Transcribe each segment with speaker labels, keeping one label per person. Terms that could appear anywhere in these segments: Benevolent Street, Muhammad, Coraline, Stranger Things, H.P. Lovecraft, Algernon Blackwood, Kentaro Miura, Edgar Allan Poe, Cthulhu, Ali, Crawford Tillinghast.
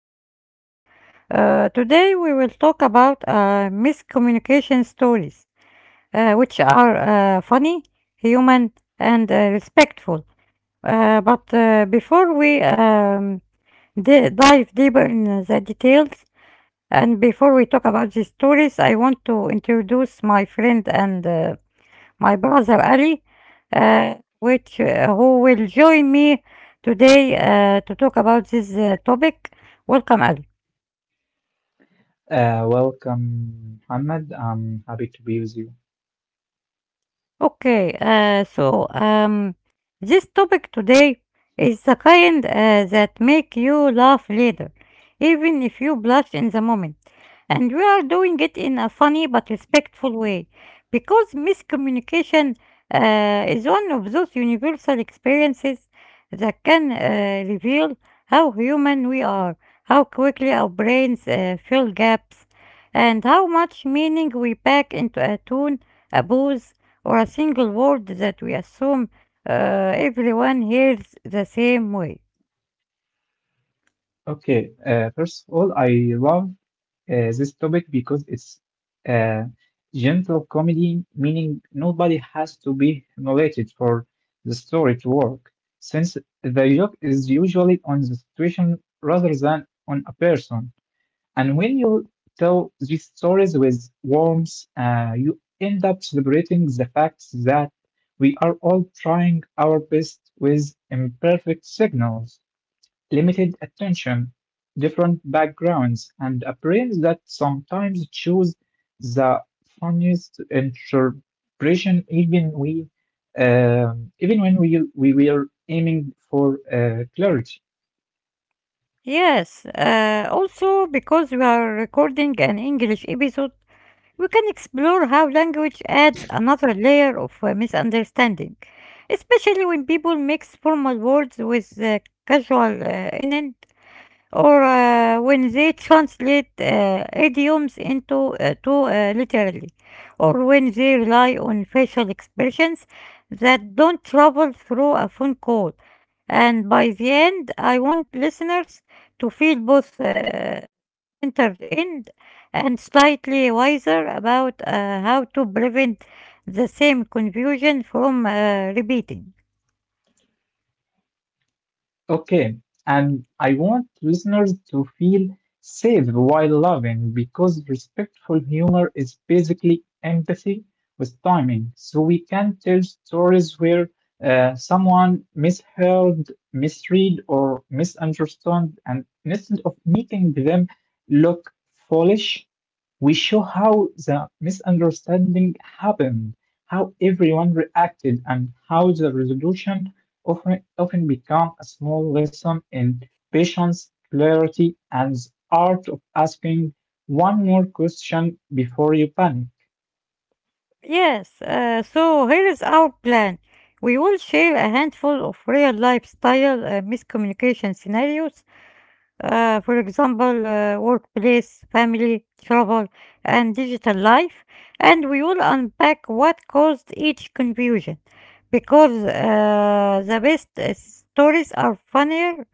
Speaker 1: new episode. Today, we will talk about miscommunication stories, which are funny, human, and respectful. But before we dive deeper in the details, and before we talk about these stories, I want to introduce my friend and my brother Ali, uh, which who will join me today to talk about this topic. Welcome, Ali.
Speaker 2: Welcome, Muhammad. I'm happy to be with you.
Speaker 1: Okay, so this topic today is the kind that make you laugh later, even if you blush in the moment. And we are doing it in a funny but respectful way because miscommunication is one of those universal experiences that can reveal how human we are, how quickly our brains fill gaps, and how much meaning we pack into a tune, a booze, or a single word that we assume everyone hears the same way.
Speaker 2: Okay, first of all, I love this topic because it's uh, gentle comedy, meaning nobody has to be humiliated for the story to work, since the joke is usually on the situation rather than on a person. And when you tell these stories with warmth, you end up celebrating the fact that we are all trying our best with imperfect signals, limited attention, different backgrounds, and a brain that sometimes choose the funniest interpretation even when we were aiming for clarity.
Speaker 1: Yes, also because we are recording an English episode. We can explore how language adds another layer of misunderstanding, especially when people mix formal words with casual innent or when they translate idioms into too literally, or when they rely on facial expressions that don't travel through a phone call. And by the end, I want listeners to feel both entertained and slightly wiser about how to prevent the same confusion from repeating.
Speaker 2: Okay, and I want listeners to feel safe while loving because respectful humor is basically empathy with timing. So we can tell stories where someone misheard, misread, or misunderstood, and instead of making them look foolish, we show how the misunderstanding happened, how everyone reacted, and how the resolution often become a small lesson in patience, clarity, and the art of asking one more question before you panic.
Speaker 1: Yes, so here is our plan. We will share a handful of real lifestyle miscommunication scenarios, for example, workplace, family, travel, and digital life, and we will unpack what caused each confusion because the best stories are funnier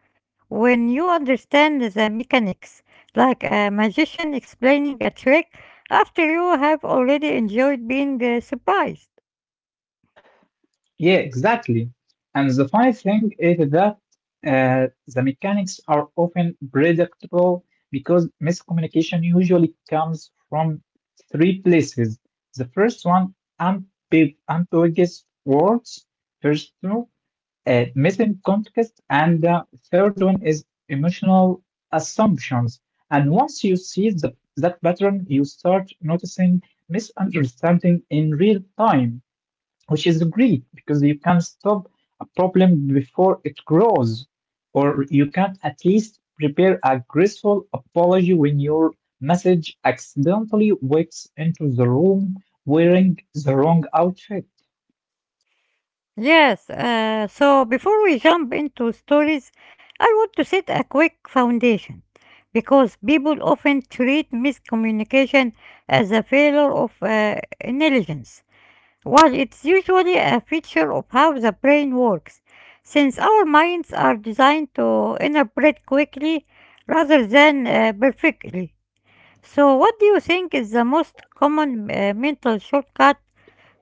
Speaker 1: when you understand the mechanics, like a magician explaining a trick after you have already enjoyed being surprised.
Speaker 2: Yeah, exactly. And the funny thing is that the mechanics are often predictable because miscommunication usually comes from three places. The first one, ambiguous words. First, missing context, and the third one is emotional assumptions. And once you see that pattern, you start noticing misunderstanding in real time, which is great because you can stop a problem before it grows, or you can at least prepare a graceful apology when your message accidentally wakes into the room wearing the wrong outfit.
Speaker 1: Yes, so before we jump into stories, I want to set a quick foundation because people often treat miscommunication as a failure of intelligence. Well, it's usually a feature of how the brain works, since our minds are designed to interpret quickly rather than perfectly. So, what do you think is the most common mental shortcut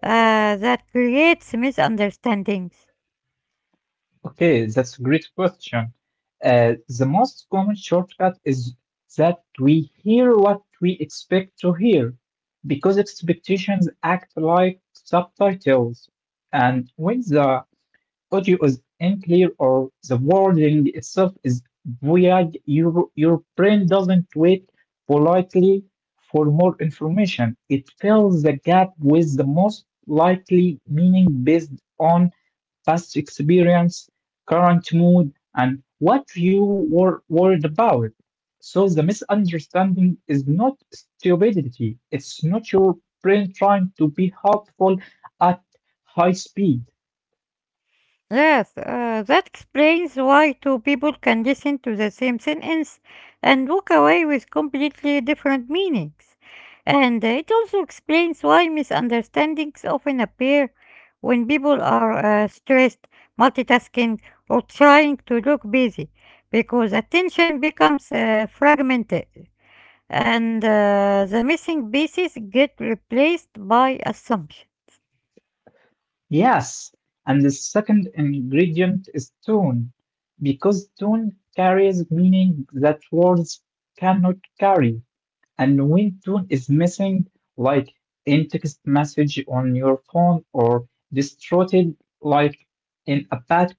Speaker 1: that creates misunderstandings?
Speaker 2: Okay, that's a great question. The most common shortcut is that we hear what we expect to hear because expectations act like subtitles. And when the audio is unclear or the wording itself is void, your brain doesn't wait politely for more information. It fills the gap with the most likely meaning based on past experience, current mood, and what you were worried about. So the misunderstanding is not stupidity, it's not your brain trying to be helpful at high speed.
Speaker 1: Yes, that explains why two people can listen to the same sentence and walk away with completely different meanings. And it also explains why misunderstandings often appear when people are stressed, multitasking, or trying to look busy, because attention becomes fragmented and the missing pieces get replaced by assumptions.
Speaker 2: Yes, and the second ingredient is tone, because tone carries meaning that words cannot carry. And when tone is missing, like in text message on your phone or distorted, like in a bad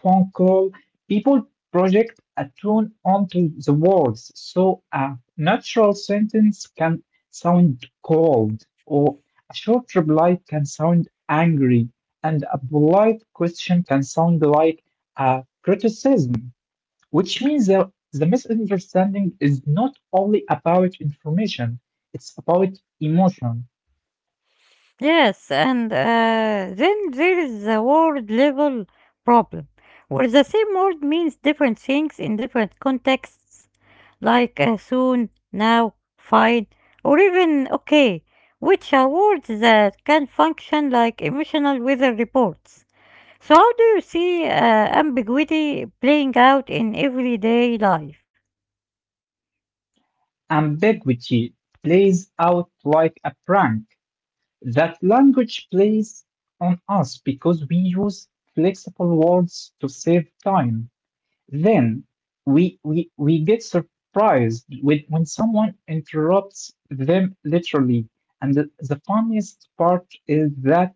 Speaker 2: phone call, people project a tone onto the words. So a natural sentence can sound cold, or a short reply can sound angry, and a polite question can sound like a criticism. Which means that the misunderstanding is not only about information, it's about emotion.
Speaker 1: Yes, and then there is the word level problem, where the same word means different things in different contexts, like soon, now, fine, or even okay, which are words that can function like emotional weather reports. So, how do you see ambiguity playing out in everyday life?
Speaker 2: Ambiguity plays out like a prank. That language plays on us because we use flexible words to save time. Then we get surprised with when someone interrupts them literally. And the funniest part is that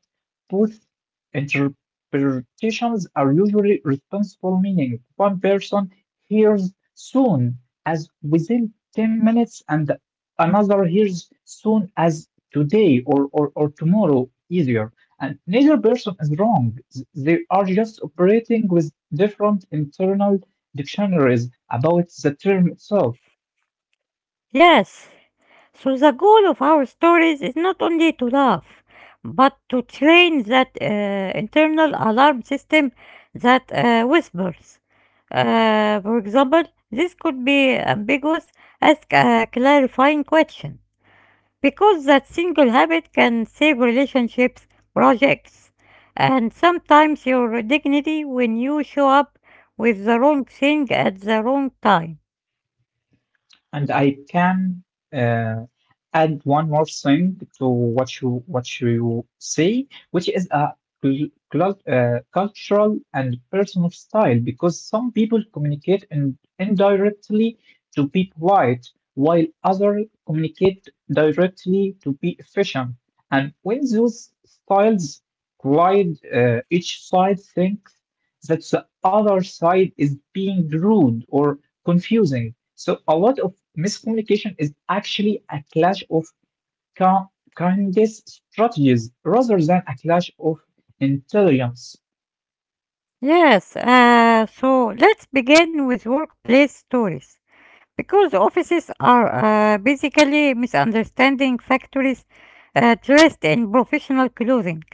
Speaker 2: both interpretations are usually responsible meaning. One person hears soon as within 10 minutes and another hears soon as today or tomorrow easier. And neither person is wrong. They are just operating with different internal dictionaries about the term itself.
Speaker 1: Yes. So the goal of our stories is not only to laugh, but to train that internal alarm system that whispers. For example, this could be ambiguous as a clarifying question, because that single habit can save relationships, projects, and sometimes your dignity when you show up with the wrong thing at the wrong time.
Speaker 2: And I can uh, add one more thing to what you say, which is a cultural and personal style, because some people communicate indirectly to be polite, while others communicate directly to be efficient. And when those styles collide, each side thinks that the other side is being rude or confusing. So a lot of miscommunication is actually a clash of ki- kindest strategies rather than a clash of intelligence.
Speaker 1: Yes, so let's begin with workplace stories because offices are basically misunderstanding factories dressed in professional clothing.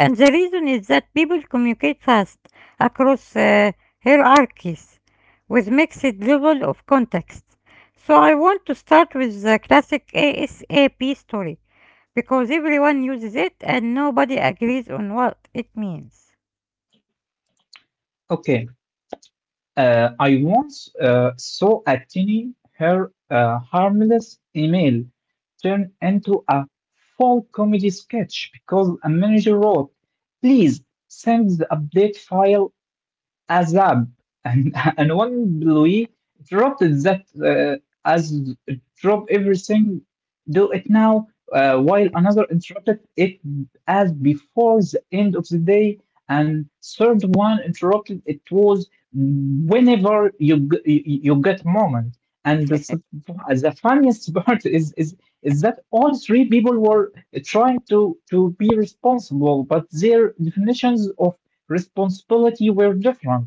Speaker 1: And the reason is that people communicate fast across hierarchies with mixed level of context. So I want to start with the classic ASAP story because everyone uses it and nobody agrees on what it means.
Speaker 2: Okay, I once saw a tiny, her harmless email turn into a full comedy sketch because a manager wrote, "Please send the update file Azab and, and one Louis interrupted that as drop everything, do it now, while another interrupted it as before the end of the day, and third one interrupted it was whenever you get moment. And the funniest part is is that all three people were trying to be responsible, but their definitions of responsibility were different.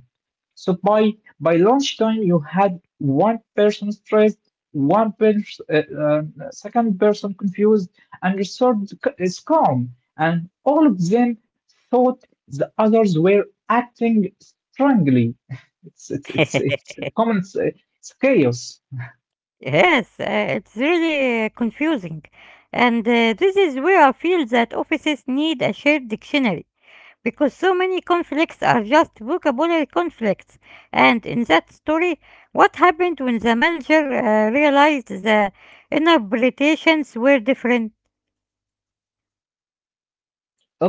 Speaker 2: So by lunchtime, you had one person stressed, one pers- uh, uh, second person confused, and the is calm. And all of them thought the others were acting strangely. It's it's it's it's common. It's chaos.
Speaker 1: Yes, it's really confusing. And this is where I feel that offices need a shared dictionary because so many conflicts are just vocabulary conflicts. And in that story, what happened when the manager realized the interpretations were different?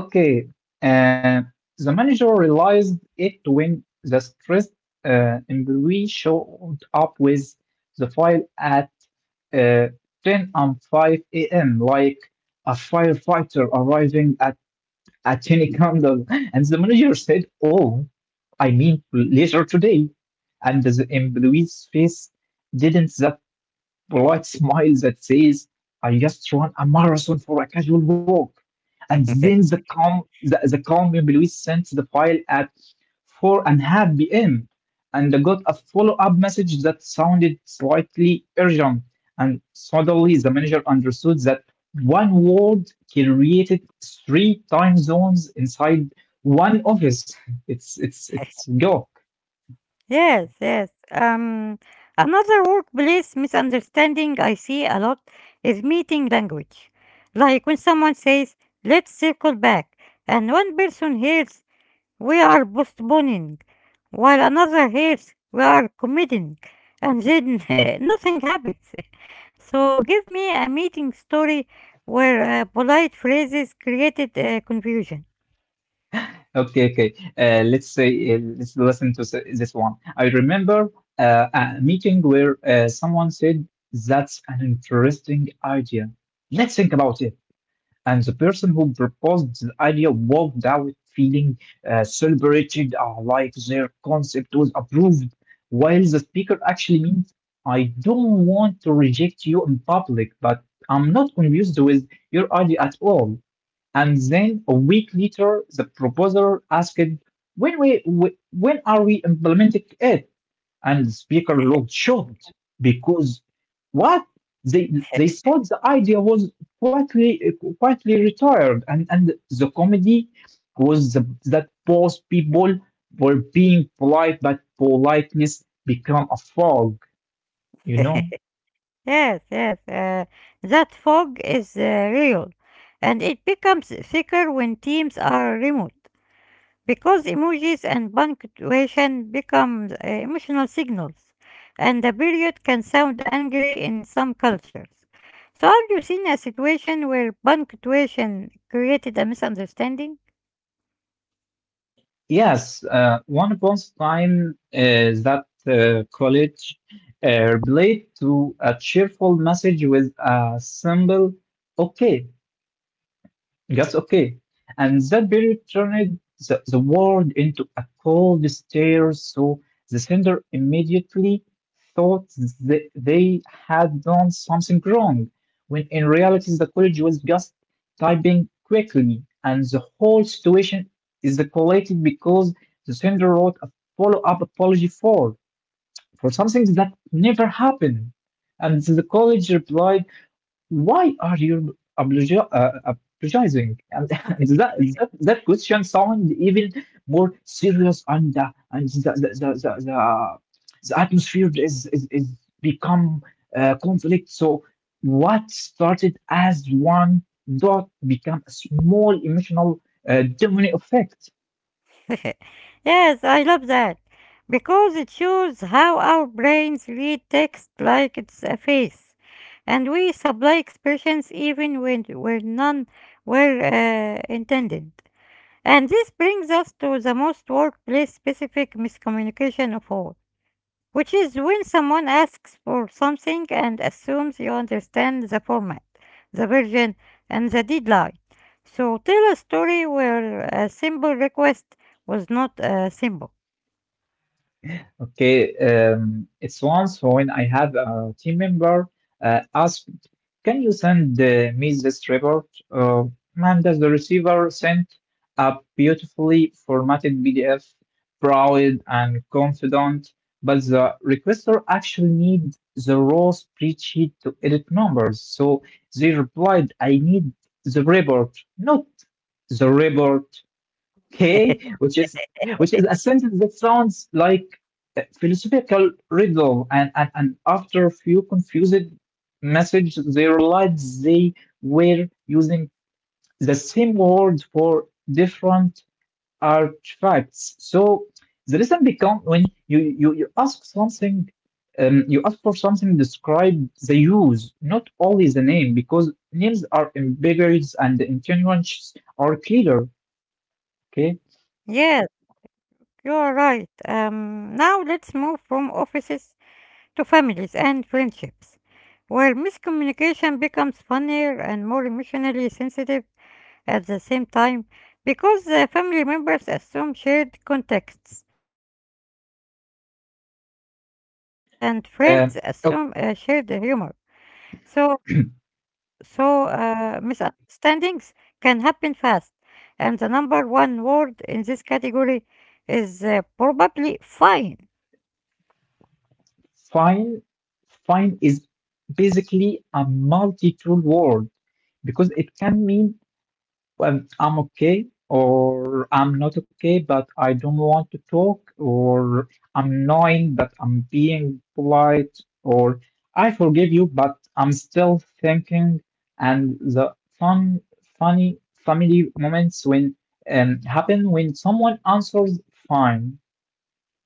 Speaker 2: Okay, uh, the manager realized it when the stressed employee showed up with the file at uh, 10 and 5 a.m., like a firefighter arriving at a tiny candle. And the manager said, oh, I mean, later today. And the employee's face didn't that polite smile that says, I just run a marathon for a casual walk. And then the calm employee sends the file at 4 and a half p.m. and I got a follow-up message that sounded slightly urgent. And suddenly the manager understood that one word created three time zones inside one office. It's go.
Speaker 1: Yes, yes. Another workplace misunderstanding I see a lot is meeting language. Like when someone says, let's circle back, and one person hears, we are postponing, while another hears, we are committing, and then nothing happens. So give me a meeting story where polite phrases created confusion.
Speaker 2: Okay. Let's listen to this one. I remember a meeting where someone said, that's an interesting idea. Let's think about it. And the person who proposed the idea walked out feeling celebrated, like their concept was approved, while the speaker actually means, I don't want to reject you in public, but I'm not convinced with your idea at all. And then a week later, the proposer asked, when are we implementing it? And the speaker looked shocked because what? They thought the idea was quietly, quietly retired. And the comedy was that both people were being polite, but politeness became a fog, you know?
Speaker 1: Yes, yes. That fog is real, and it becomes thicker when teams are remote because emojis and punctuation become emotional signals, and the period can sound angry in some cultures. So, have you seen a situation where punctuation created a misunderstanding?
Speaker 2: Yes, one upon a time is that college relate to a cheerful message with a symbol okay. That's okay. And that period turned the world into a cold stare, so the sender immediately thought that they had done something wrong, when in reality, the college was just typing quickly, and the whole situation is escalated because the sender wrote a follow-up apology for something that never happened. And the college replied why are you apologizing? And, and that that question sounds even more serious, and the atmosphere is become conflict. So what started as one dot become a small emotional domino effect.
Speaker 1: Yes, I love that because it shows how our brains read text like it's a face, and we supply expressions even when where none were intended. And this brings us to the most workplace-specific miscommunication of all, which is when someone asks for something and assumes you understand the format, the version, and the deadline. So tell a story where a simple request was not simple.
Speaker 2: Okay, it's once when I have a team member asked, "Can you send me this report?" And as the receiver sent a beautifully formatted PDF, proud and confident, but the requester actually need the raw spreadsheet to edit numbers. So they replied, "I need the report, not the report." Okay, which is a sentence that sounds like a philosophical riddle, and after a few confused messages, they realized they were using the same word for different artifacts. So the lesson becomes when you ask something. You ask for something describe the use, not only the name, because names are ambiguous and the intentions are clear. Okay.
Speaker 1: Yes, you are right. Now let's move from offices to families and friendships, where miscommunication becomes funnier and more emotionally sensitive at the same time because family members assume shared contexts and friends assume shared humor.
Speaker 2: Um,
Speaker 1: So so, misunderstandings can happen fast, and the number one word in this category is probably fine.
Speaker 2: Fine, fine is basically a multi-tool word because it can mean well, I'm okay or I'm not okay, but I don't want to talk or I'm annoying, but I'm being polite or I forgive you, but I'm still thinking. And funny family moments when happen when someone answers fine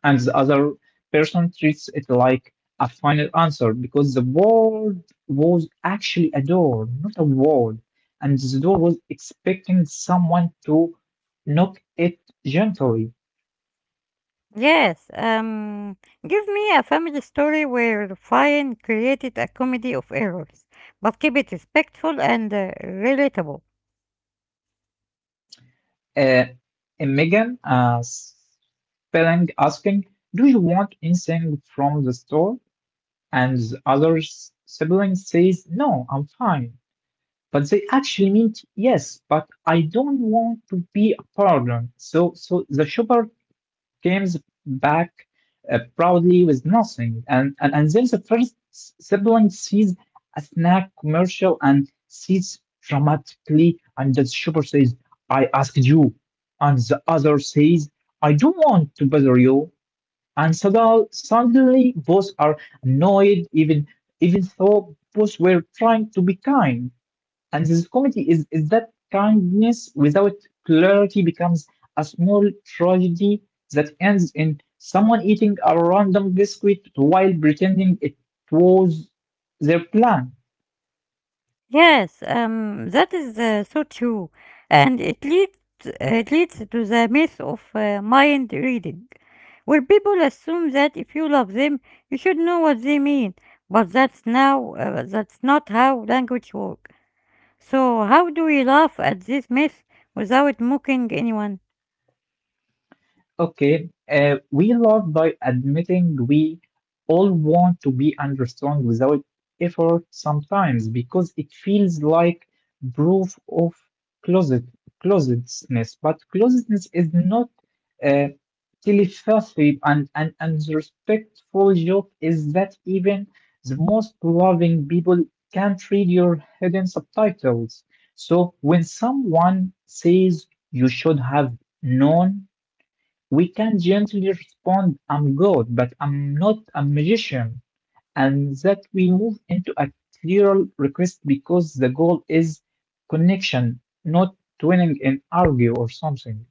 Speaker 2: and the other person treats it like a final answer because the world was actually a door, not a wall, and the door was expecting someone to knock it gently.
Speaker 1: Yes, give me a family story where Ryan created a comedy of errors, but keep it respectful and relatable.
Speaker 2: Uh, and Megan, spelling, asking, "Do you want anything from the store?" And the other sibling says, "No, I'm fine." But they actually meant yes, but I don't want to be a burden. So the shopper comes back proudly with nothing, and then the first sibling sees a snack commercial and sees dramatically, and the shopper says, I asked you, and the other says, I don't want to bother you. And suddenly both are annoyed, even though both were trying to be kind. And this comedy is that kindness without clarity becomes a small tragedy that ends in someone eating a random biscuit while pretending it was their plan.
Speaker 1: Yes, that is so true, and it leads to the myth of mind reading, where people assume that if you love them, you should know what they mean. But that's not how language works. So how do we laugh at this myth without mocking anyone?
Speaker 2: Okay, we love by admitting we all want to be understood without effort sometimes because it feels like proof of closet closetness, but closetness is not uh, telepathy and the respectful joke is that even the most loving people can't read your hidden subtitles. So when someone says you should have known we can gently respond, I'm God, but I'm not a magician. And that we move into a clearer request because the goal is connection, not winning an argue or something.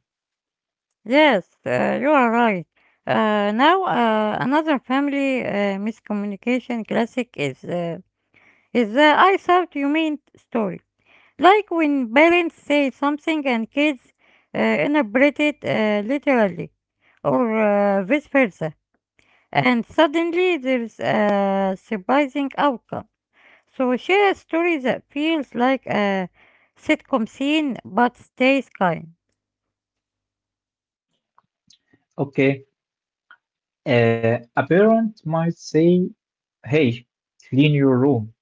Speaker 1: Yes, you are right. Now, another family miscommunication classic is the "I thought you meant" story. Like when parents say something and kids interpret it literally, or vice versa, and suddenly there's a surprising outcome. So share a story that feels like a sitcom scene but stays kind.
Speaker 2: Okay, a parent might say, hey, clean your room.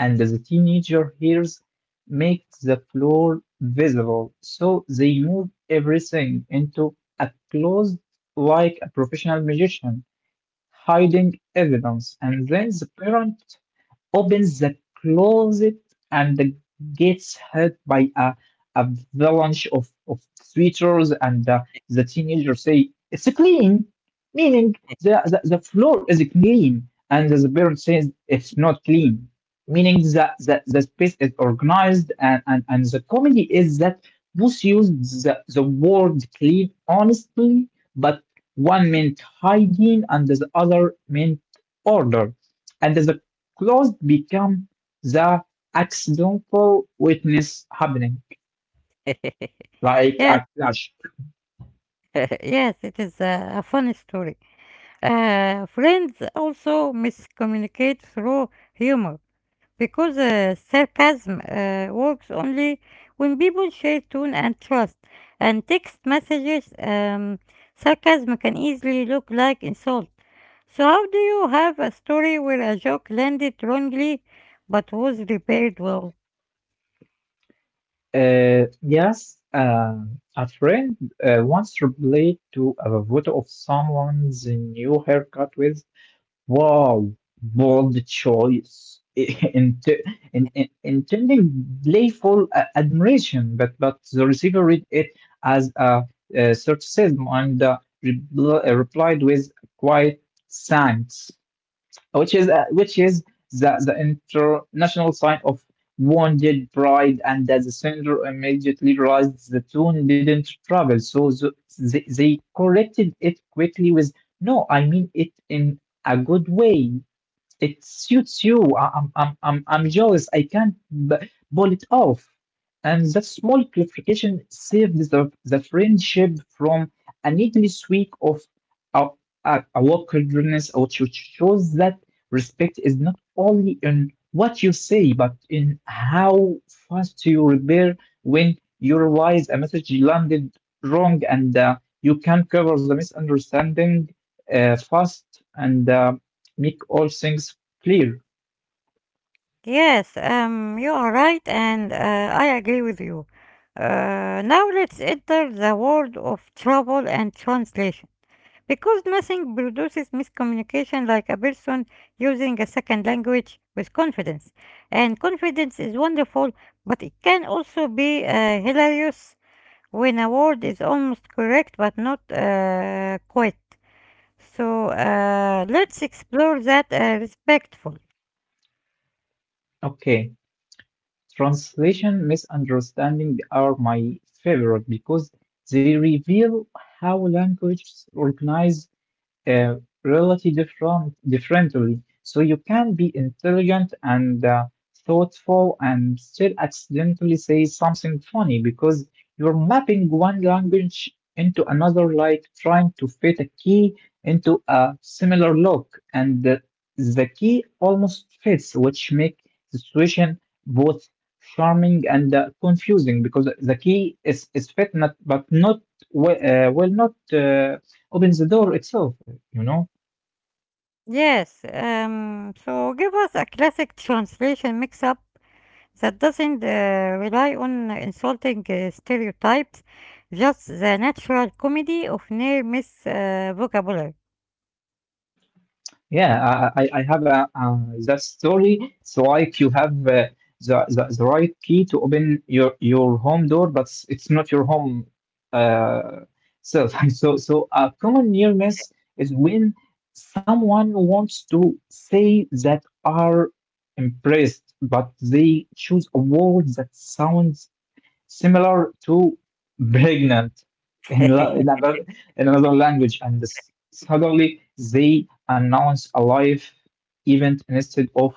Speaker 2: And the teenager hears, make the floor visible. So they move everything into a closed, like a professional magician hiding evidence, and then the parent opens the closet and gets hit by a avalanche of sweaters, and the teenager say, it's clean, meaning the floor is clean, and the parent says, it's not clean, meaning that the space is organized, and, and the comedy is that Booth used the word clean honestly, but one meant hygiene and the other meant order. And the clothes become the accidental witness happening, like
Speaker 1: Yes,
Speaker 2: a clash.
Speaker 1: yes, it is a funny story. Friends also miscommunicate through humor because sarcasm works only when people share tone and trust. And text messages, sarcasm can easily look like insult. So, how do you have a story where a joke landed wrongly but was repaired well?
Speaker 2: Yes, a friend once replied to a photo of someone's new haircut with, wow, bold choice, intending playful admiration, but the receiver read it as a sarcasm and replied with quite thanks, which is the international sign of wounded pride. And that the senator immediately realized the tune didn't travel, so they corrected it quickly with, no, I mean it in a good way, it suits you. I'm jealous. I can't pull it off. And that small clarification saved the friendship from a needless week of a a awkwardness, which shows that respect is not only in what you say, but in how fast you repair when you realize a message landed wrong, and you can cover the misunderstanding fast and make all things clear.
Speaker 1: Yes, you are right, and I agree with you. Now let's enter the world of trouble and translation, because nothing produces miscommunication like a person using a second language with confidence. And confidence is wonderful, but it can also be hilarious when a word is almost correct but not quite. So let's explore that respectfully.
Speaker 2: Okay. Translation misunderstanding are my favorite because they reveal how languages organize uh, really differently. So you can be intelligent and thoughtful and still accidentally say something funny because you're mapping one language into another, like trying to fit a key into a similar lock, and the key almost fits, which make the situation both charming and confusing because the key is fit not but not well, well not opens the door itself, you know?
Speaker 1: Yes, so give us a classic translation mix up that doesn't rely on insulting stereotypes, just the natural comedy of near miss vocabulary.
Speaker 2: Yeah, I have a, that story. It's like you have the right key to open your home door, but it's not your home uh, self. So a common nearness is when someone wants to say that are impressed, but they choose a word that sounds similar to pregnant in, in another language, and suddenly they announce a life event instead of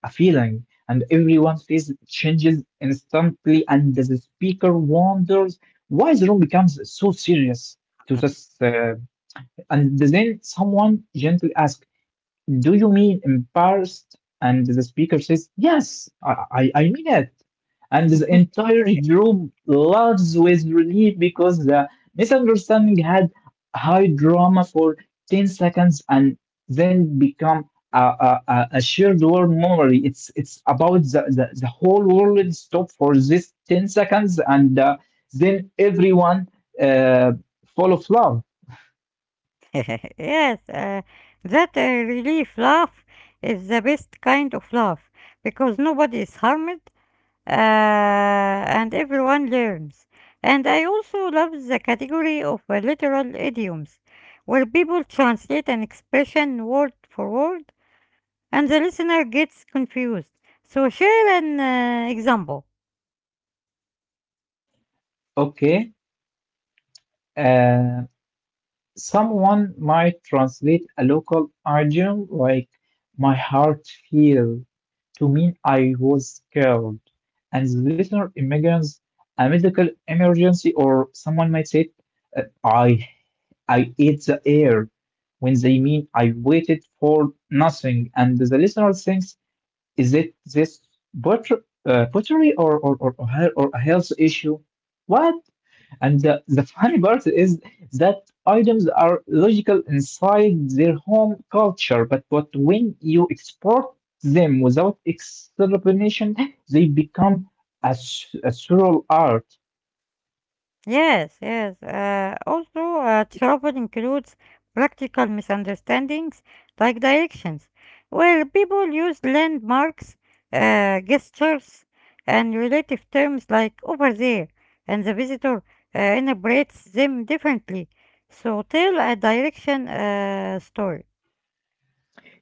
Speaker 2: a feeling, and everyone's face changes instantly, and the speaker wonders why the room becomes so serious to this. And then someone gently asks, do you mean embarrassed? And the speaker says, yes, I mean it. And the entire room laughs with relief because the misunderstanding had high drama for 10 seconds and then become a shared world memory. It's about the whole world stop for this 10 seconds, and then everyone uh, full of love.
Speaker 1: Yes, that relief laugh is the best kind of laugh because nobody is harmed and everyone learns. And I also love the category of literal idioms, where people translate an expression word for word and the listener gets confused. So, share an example.
Speaker 2: Okay. Uh, Someone might translate a local idiom like my heart feel to mean I was scared. And the listener imagines a medical emergency, or someone might say, uh, I, I ate the air, when they mean I waited for nothing. And the listener thinks, is it this pot- pottery or or a health issue? What? And the funny part is that items are logical inside their home culture, but when you export them without explanation, they become a surreal art.
Speaker 1: Yes, yes. Also, trouble includes practical misunderstandings like directions, where people use landmarks, gestures, and relative terms like over there, and the visitor interprets them differently. So, tell a direction story.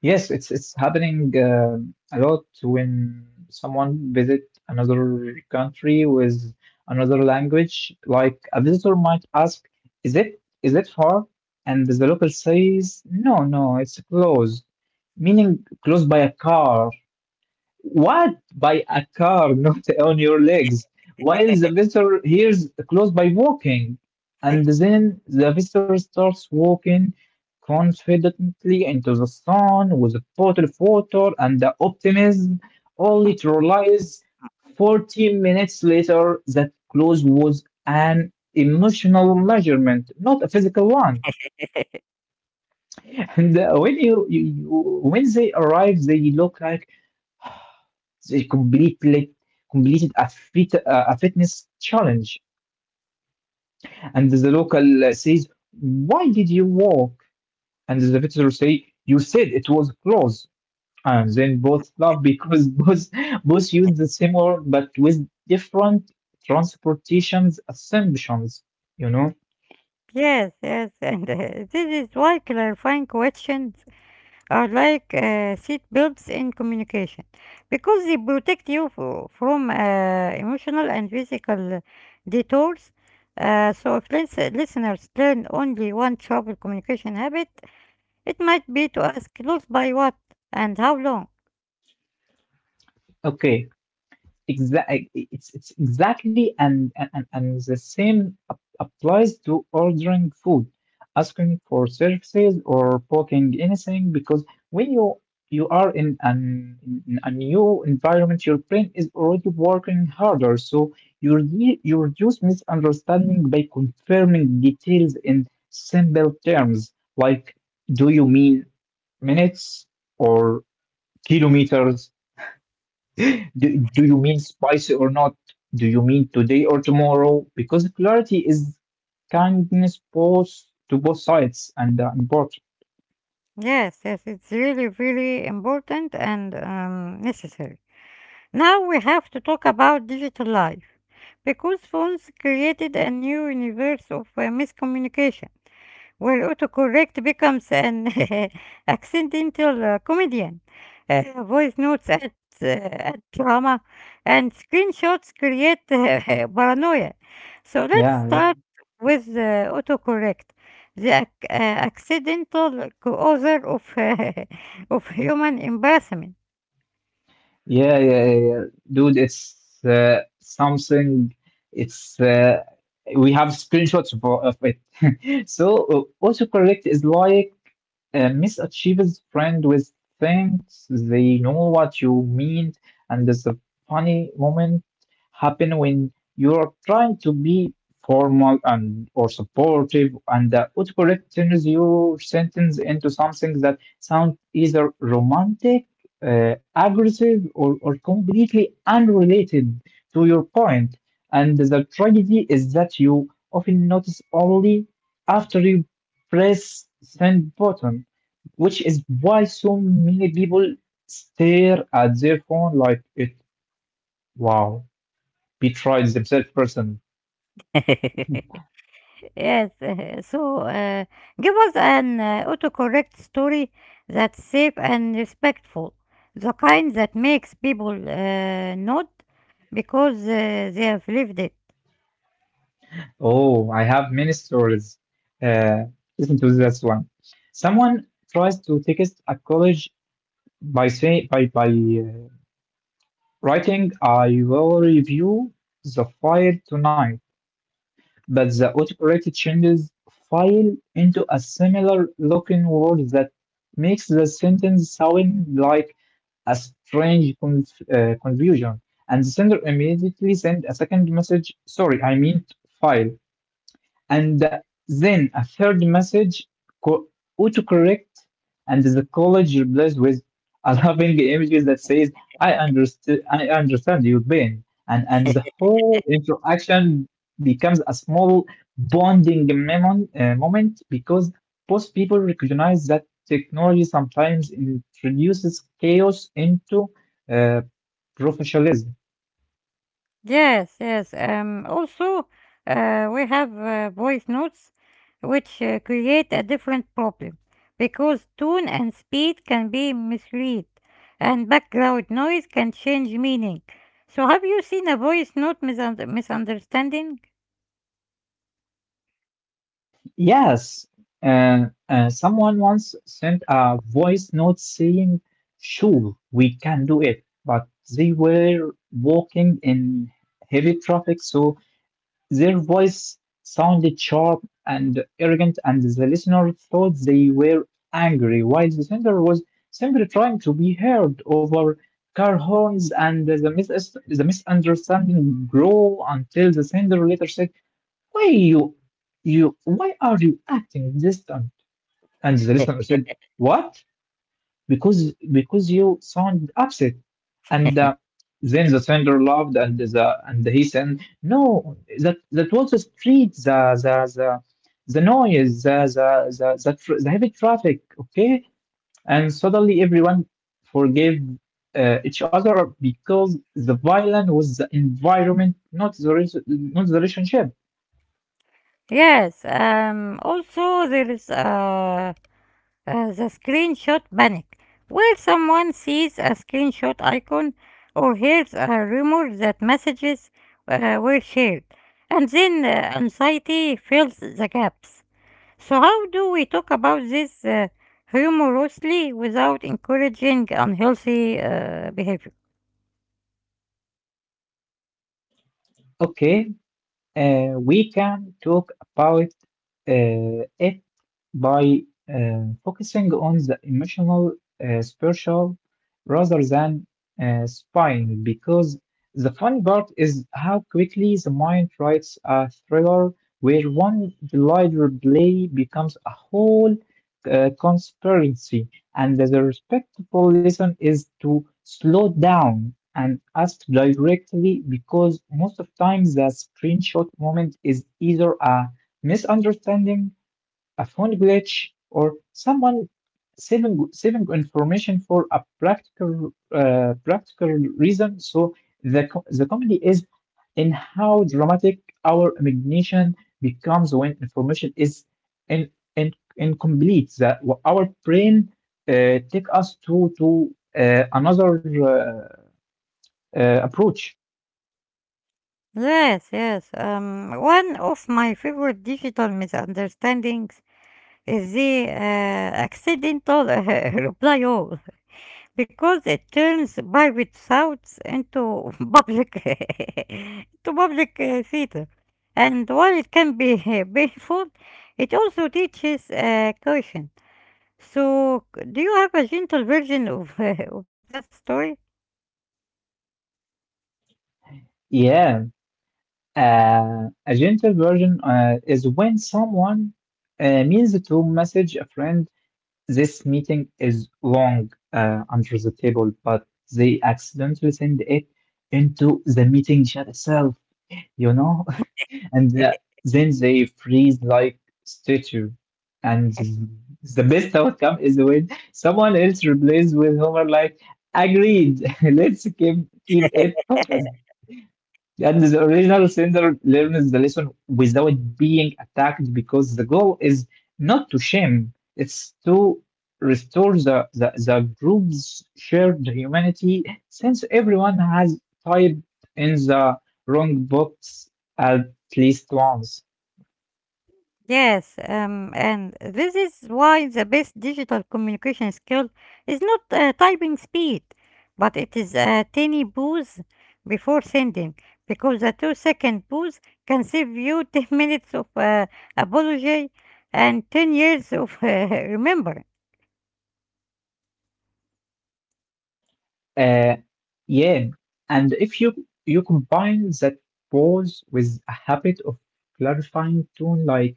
Speaker 2: Yes, it's happening a lot when someone visit another country with another language. Like a visitor might ask, "Is it far?" And the local says, "No, no, it's close," meaning close by a car. What? By a car, not on your legs. While the visitor hears close by walking. And then the visitor starts walking confidently into the sun with a bottle of water and the optimism, only to realize 40 minutes later that close was an emotional measurement, not a physical one. And when you when they arrive, they look like it completely completed a fitness challenge, and the local says, why did you walk? And the visitor say, you said it was close. And then both laugh because both both use the same word but with different transportations assumptions, you know?
Speaker 1: Yes, yes, and this is why clarifying questions are like seat belts in communication because they protect you from emotional and physical detours. So if listeners learn only one travel communication habit, it might be to ask close by what and how long.
Speaker 2: Okay. Exactly, it's exactly and and the same applies to ordering food, asking for services or booking anything, because when you are in an in a new environment, your brain is already working harder, so you reduce misunderstanding by confirming details in simple terms like, do you mean minutes or kilometers? Do, do you mean spicy or not? Do you mean today or tomorrow? Because clarity is kindness both to both sides and important.
Speaker 1: Yes, yes, it's really, really important and necessary. Now we have to talk about digital life because phones created a new universe of miscommunication, where autocorrect becomes an accidental comedian. Voice notes add drama, and screenshots create paranoia. So let's
Speaker 2: Yeah, yeah,
Speaker 1: start with autocorrect, the accidental co-author of, of human embarrassment.
Speaker 2: yeah. Dude, it's something. It's we have screenshots of it. So autocorrect is like, Miss achieves friend with thanks. They know what you mean, and there's a funny moment happen when you're trying to be formal and or supportive, and the autocorrect turns your sentence into something that sounds either romantic, aggressive, or completely unrelated to your point. And the tragedy is that you often notice only after you press send button, which is why so many people stare at their phone like it, wow, betrayed themselves person.
Speaker 1: Yes, so give us an autocorrect story that's safe and respectful, the kind that makes people nod because they have lived it.
Speaker 2: Oh, I have many stories. Uh, Listen to this one. Someone tries to text a college by say by writing, "I will review the file tonight," but the autocorrect changes file into a similar looking word that makes the sentence sound like a strange confusion. And the sender immediately send a second message. Sorry, I mean file. And then a third message, co- autocorrect, and the college replies with a loving image that says, I understand your pain. And the whole interaction becomes a small bonding moment because both people recognize that technology sometimes introduces chaos into uh, professionalism.
Speaker 1: Yes, yes. Also, we have voice notes which create a different problem because tone and speed can be misread and background noise can change meaning. So, have you seen a voice note misunderstanding?
Speaker 2: Yes, someone once sent a voice note saying, sure, we can do it, but they were walking in heavy traffic, so their voice sounded sharp and arrogant, and the listener thought they were angry, while the sender was simply trying to be heard over car horns, and the misunderstanding grew until the sender later said, why you why are you acting distant? And the listener said, what? Because you sound upset. And then the sender laughed and the and he said, no, that was the street, the the, the noise, the heavy traffic, okay? And suddenly everyone forgave each other because the violin was the environment, not the relationship.
Speaker 1: Yes, also there is the screenshot panic, where someone sees a screenshot icon or hears a rumor that messages were shared, and then anxiety fills the gaps. So, how do we talk about this humorously without encouraging unhealthy behavior?
Speaker 2: Okay, we can talk about it by focusing on the emotional spiritual rather than spying, because the funny part is how quickly the mind writes a thriller where one deliberate play becomes a whole conspiracy, and the respectful lesson is to slow down and ask directly because most of times the screenshot moment is either a misunderstanding, a phone glitch, or someone saving information for a practical reason. So the comedy is in how dramatic our imagination becomes when information is in, in, incomplete. That our brain uh, take us to another uh, uh, approach.
Speaker 1: Yes, yes. One of my favorite digital misunderstandings, the accidental reply all, because it turns private shouts into public into public theater. And while it can be painful, it also teaches caution. So, do you have a gentle version of, of that story?
Speaker 2: Yeah, a gentle version is when someone means to message a friend, this meeting is long under the table, but they accidentally send it into the meeting chat itself, you know? And then they freeze like statue. And the best outcome is when someone else replaces with Homer like, agreed, let's keep it focused. And the original sender learns the lesson without being attacked because the goal is not to shame, it's to restore the group's shared humanity since everyone has typed in the wrong box at least once.
Speaker 1: Yes, and this is why the best digital communication skill is not typing speed, but it is a tiny pause before sending, because a 2 second pause can save you 10 minutes of apology and 10 years of remembering.
Speaker 2: Uh, yeah, and if you you combine that pause with a habit of clarifying tone, like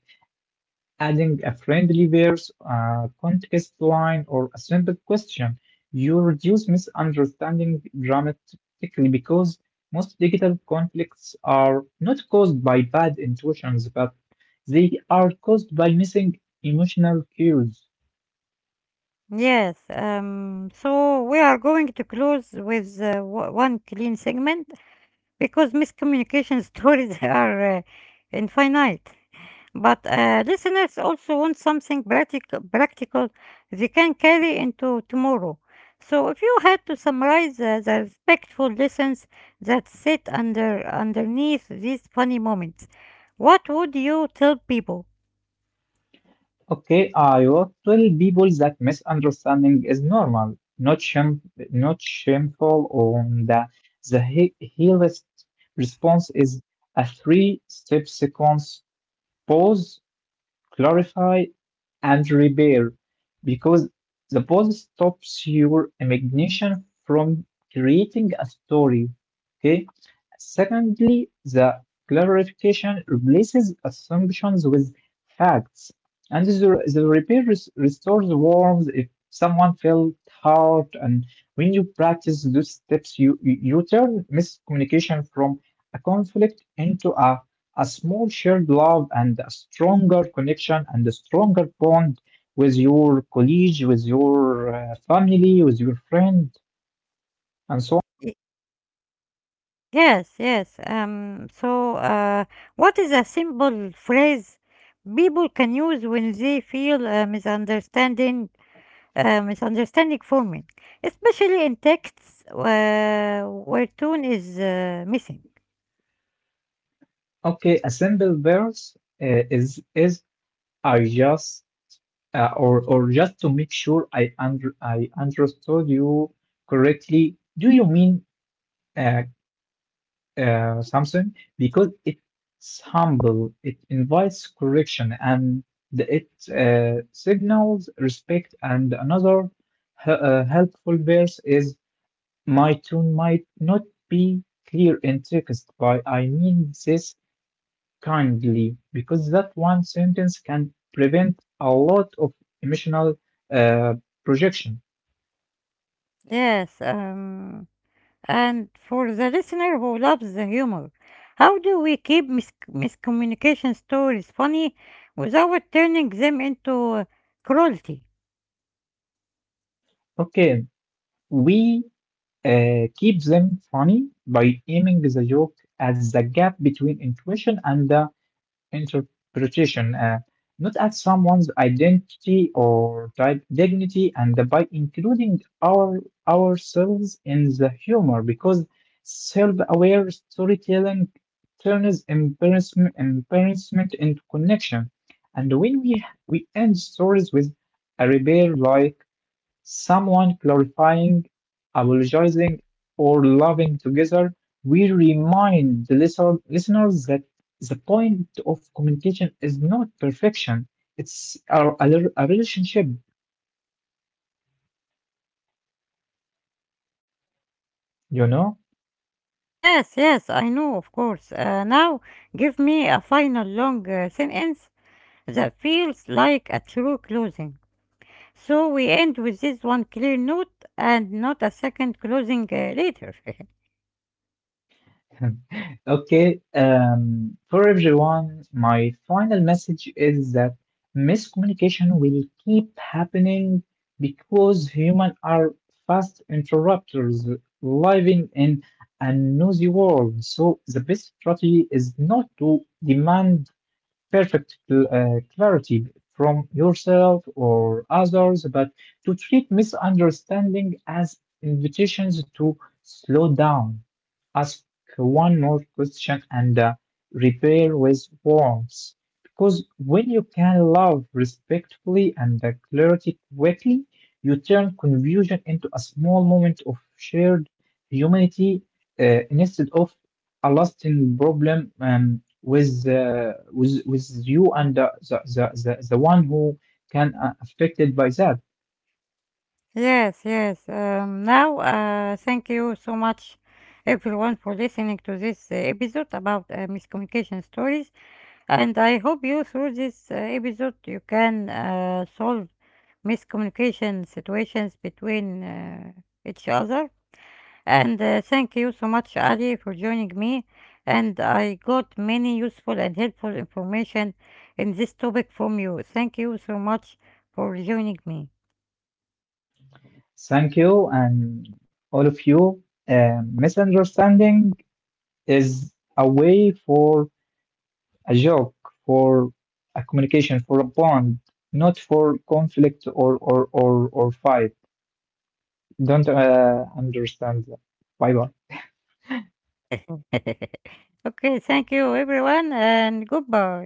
Speaker 2: adding a friendly verse, a context line, or a simple question, you reduce misunderstanding dramatically because most digital conflicts are not caused by bad intentions, but they are caused by missing emotional cues.
Speaker 1: Yes, so we are going to close with one clean segment because miscommunication stories are infinite. But listeners also want something practical they can carry into tomorrow. So, if you had to summarize the respectful lessons that sit underneath these funny moments, what would you tell people?
Speaker 2: Okay, I will tell people that misunderstanding is normal, not shameful, or that healest response is a three-step sequence: pause, clarify, and repair, because the pause stops your imagination from creating a story. Okay. Secondly, the clarification replaces assumptions with facts, and the restores warmth if someone felt hurt. And when you practice those steps, you turn miscommunication from a conflict into a small shared love and a stronger connection and a stronger bond with your colleague, with your family, with your friend, and so
Speaker 1: Y- Yes, yes. So, what is a simple phrase people can use when they feel a misunderstanding forming, especially in texts where tone is missing.
Speaker 2: on. Okay, a simple verse is, I just , or just to make sure I understood you correctly. Do you mean uh, something, because it's humble, it invites correction, and it signals respect. And another helpful verse is, my tone might not be clear in text, but I mean this kindly, because that one sentence can prevent a lot of emotional uh, projection.
Speaker 1: Yes, and for the listener who loves the humor, how do we keep miscommunication stories funny without turning them into uh, cruelty?
Speaker 2: Okay, we keep them funny by aiming the joke at the gap between intuition and the interpretation, not at someone's identity or type dignity, and by including ourselves in the humor, because self-aware storytelling turns embarrassment into connection. And when we end stories with a rebel lie, someone clarifying, apologizing, or loving together, we remind listeners that the point of communication is not perfection. It's a relationship, you know?
Speaker 1: Yes, yes, I know, of course. Now, give me a final long sentence that feels like a true closing. So we end with this one clear note and not a second closing later.
Speaker 2: Okay, for everyone, my final message is that miscommunication will keep happening because humans are fast interrupters living in a noisy world. So the best strategy is not to demand perfect clarity from yourself or others, but to treat misunderstanding as invitations to slow down, ask one more question, and repair with warmth. Because when you can love respectfully and clarity quickly, you turn confusion into a small moment of shared humanity instead of a lasting problem with you and the one who can affected by that.
Speaker 1: Yes, yes. Now, thank you so much, everyone, for listening to this episode about miscommunication stories. And I hope you, through this episode, you can solve miscommunication situations between each other. And thank you so much, Ali, for joining me. And I got many useful and helpful information in this topic from you. Thank you so much for joining me.
Speaker 2: Thank you and all of you. Misunderstanding is a way for a joke, for a communication, for a bond, not for conflict or fight. Don't understand that. Bye bye.
Speaker 1: Okay, thank you, everyone, and goodbye.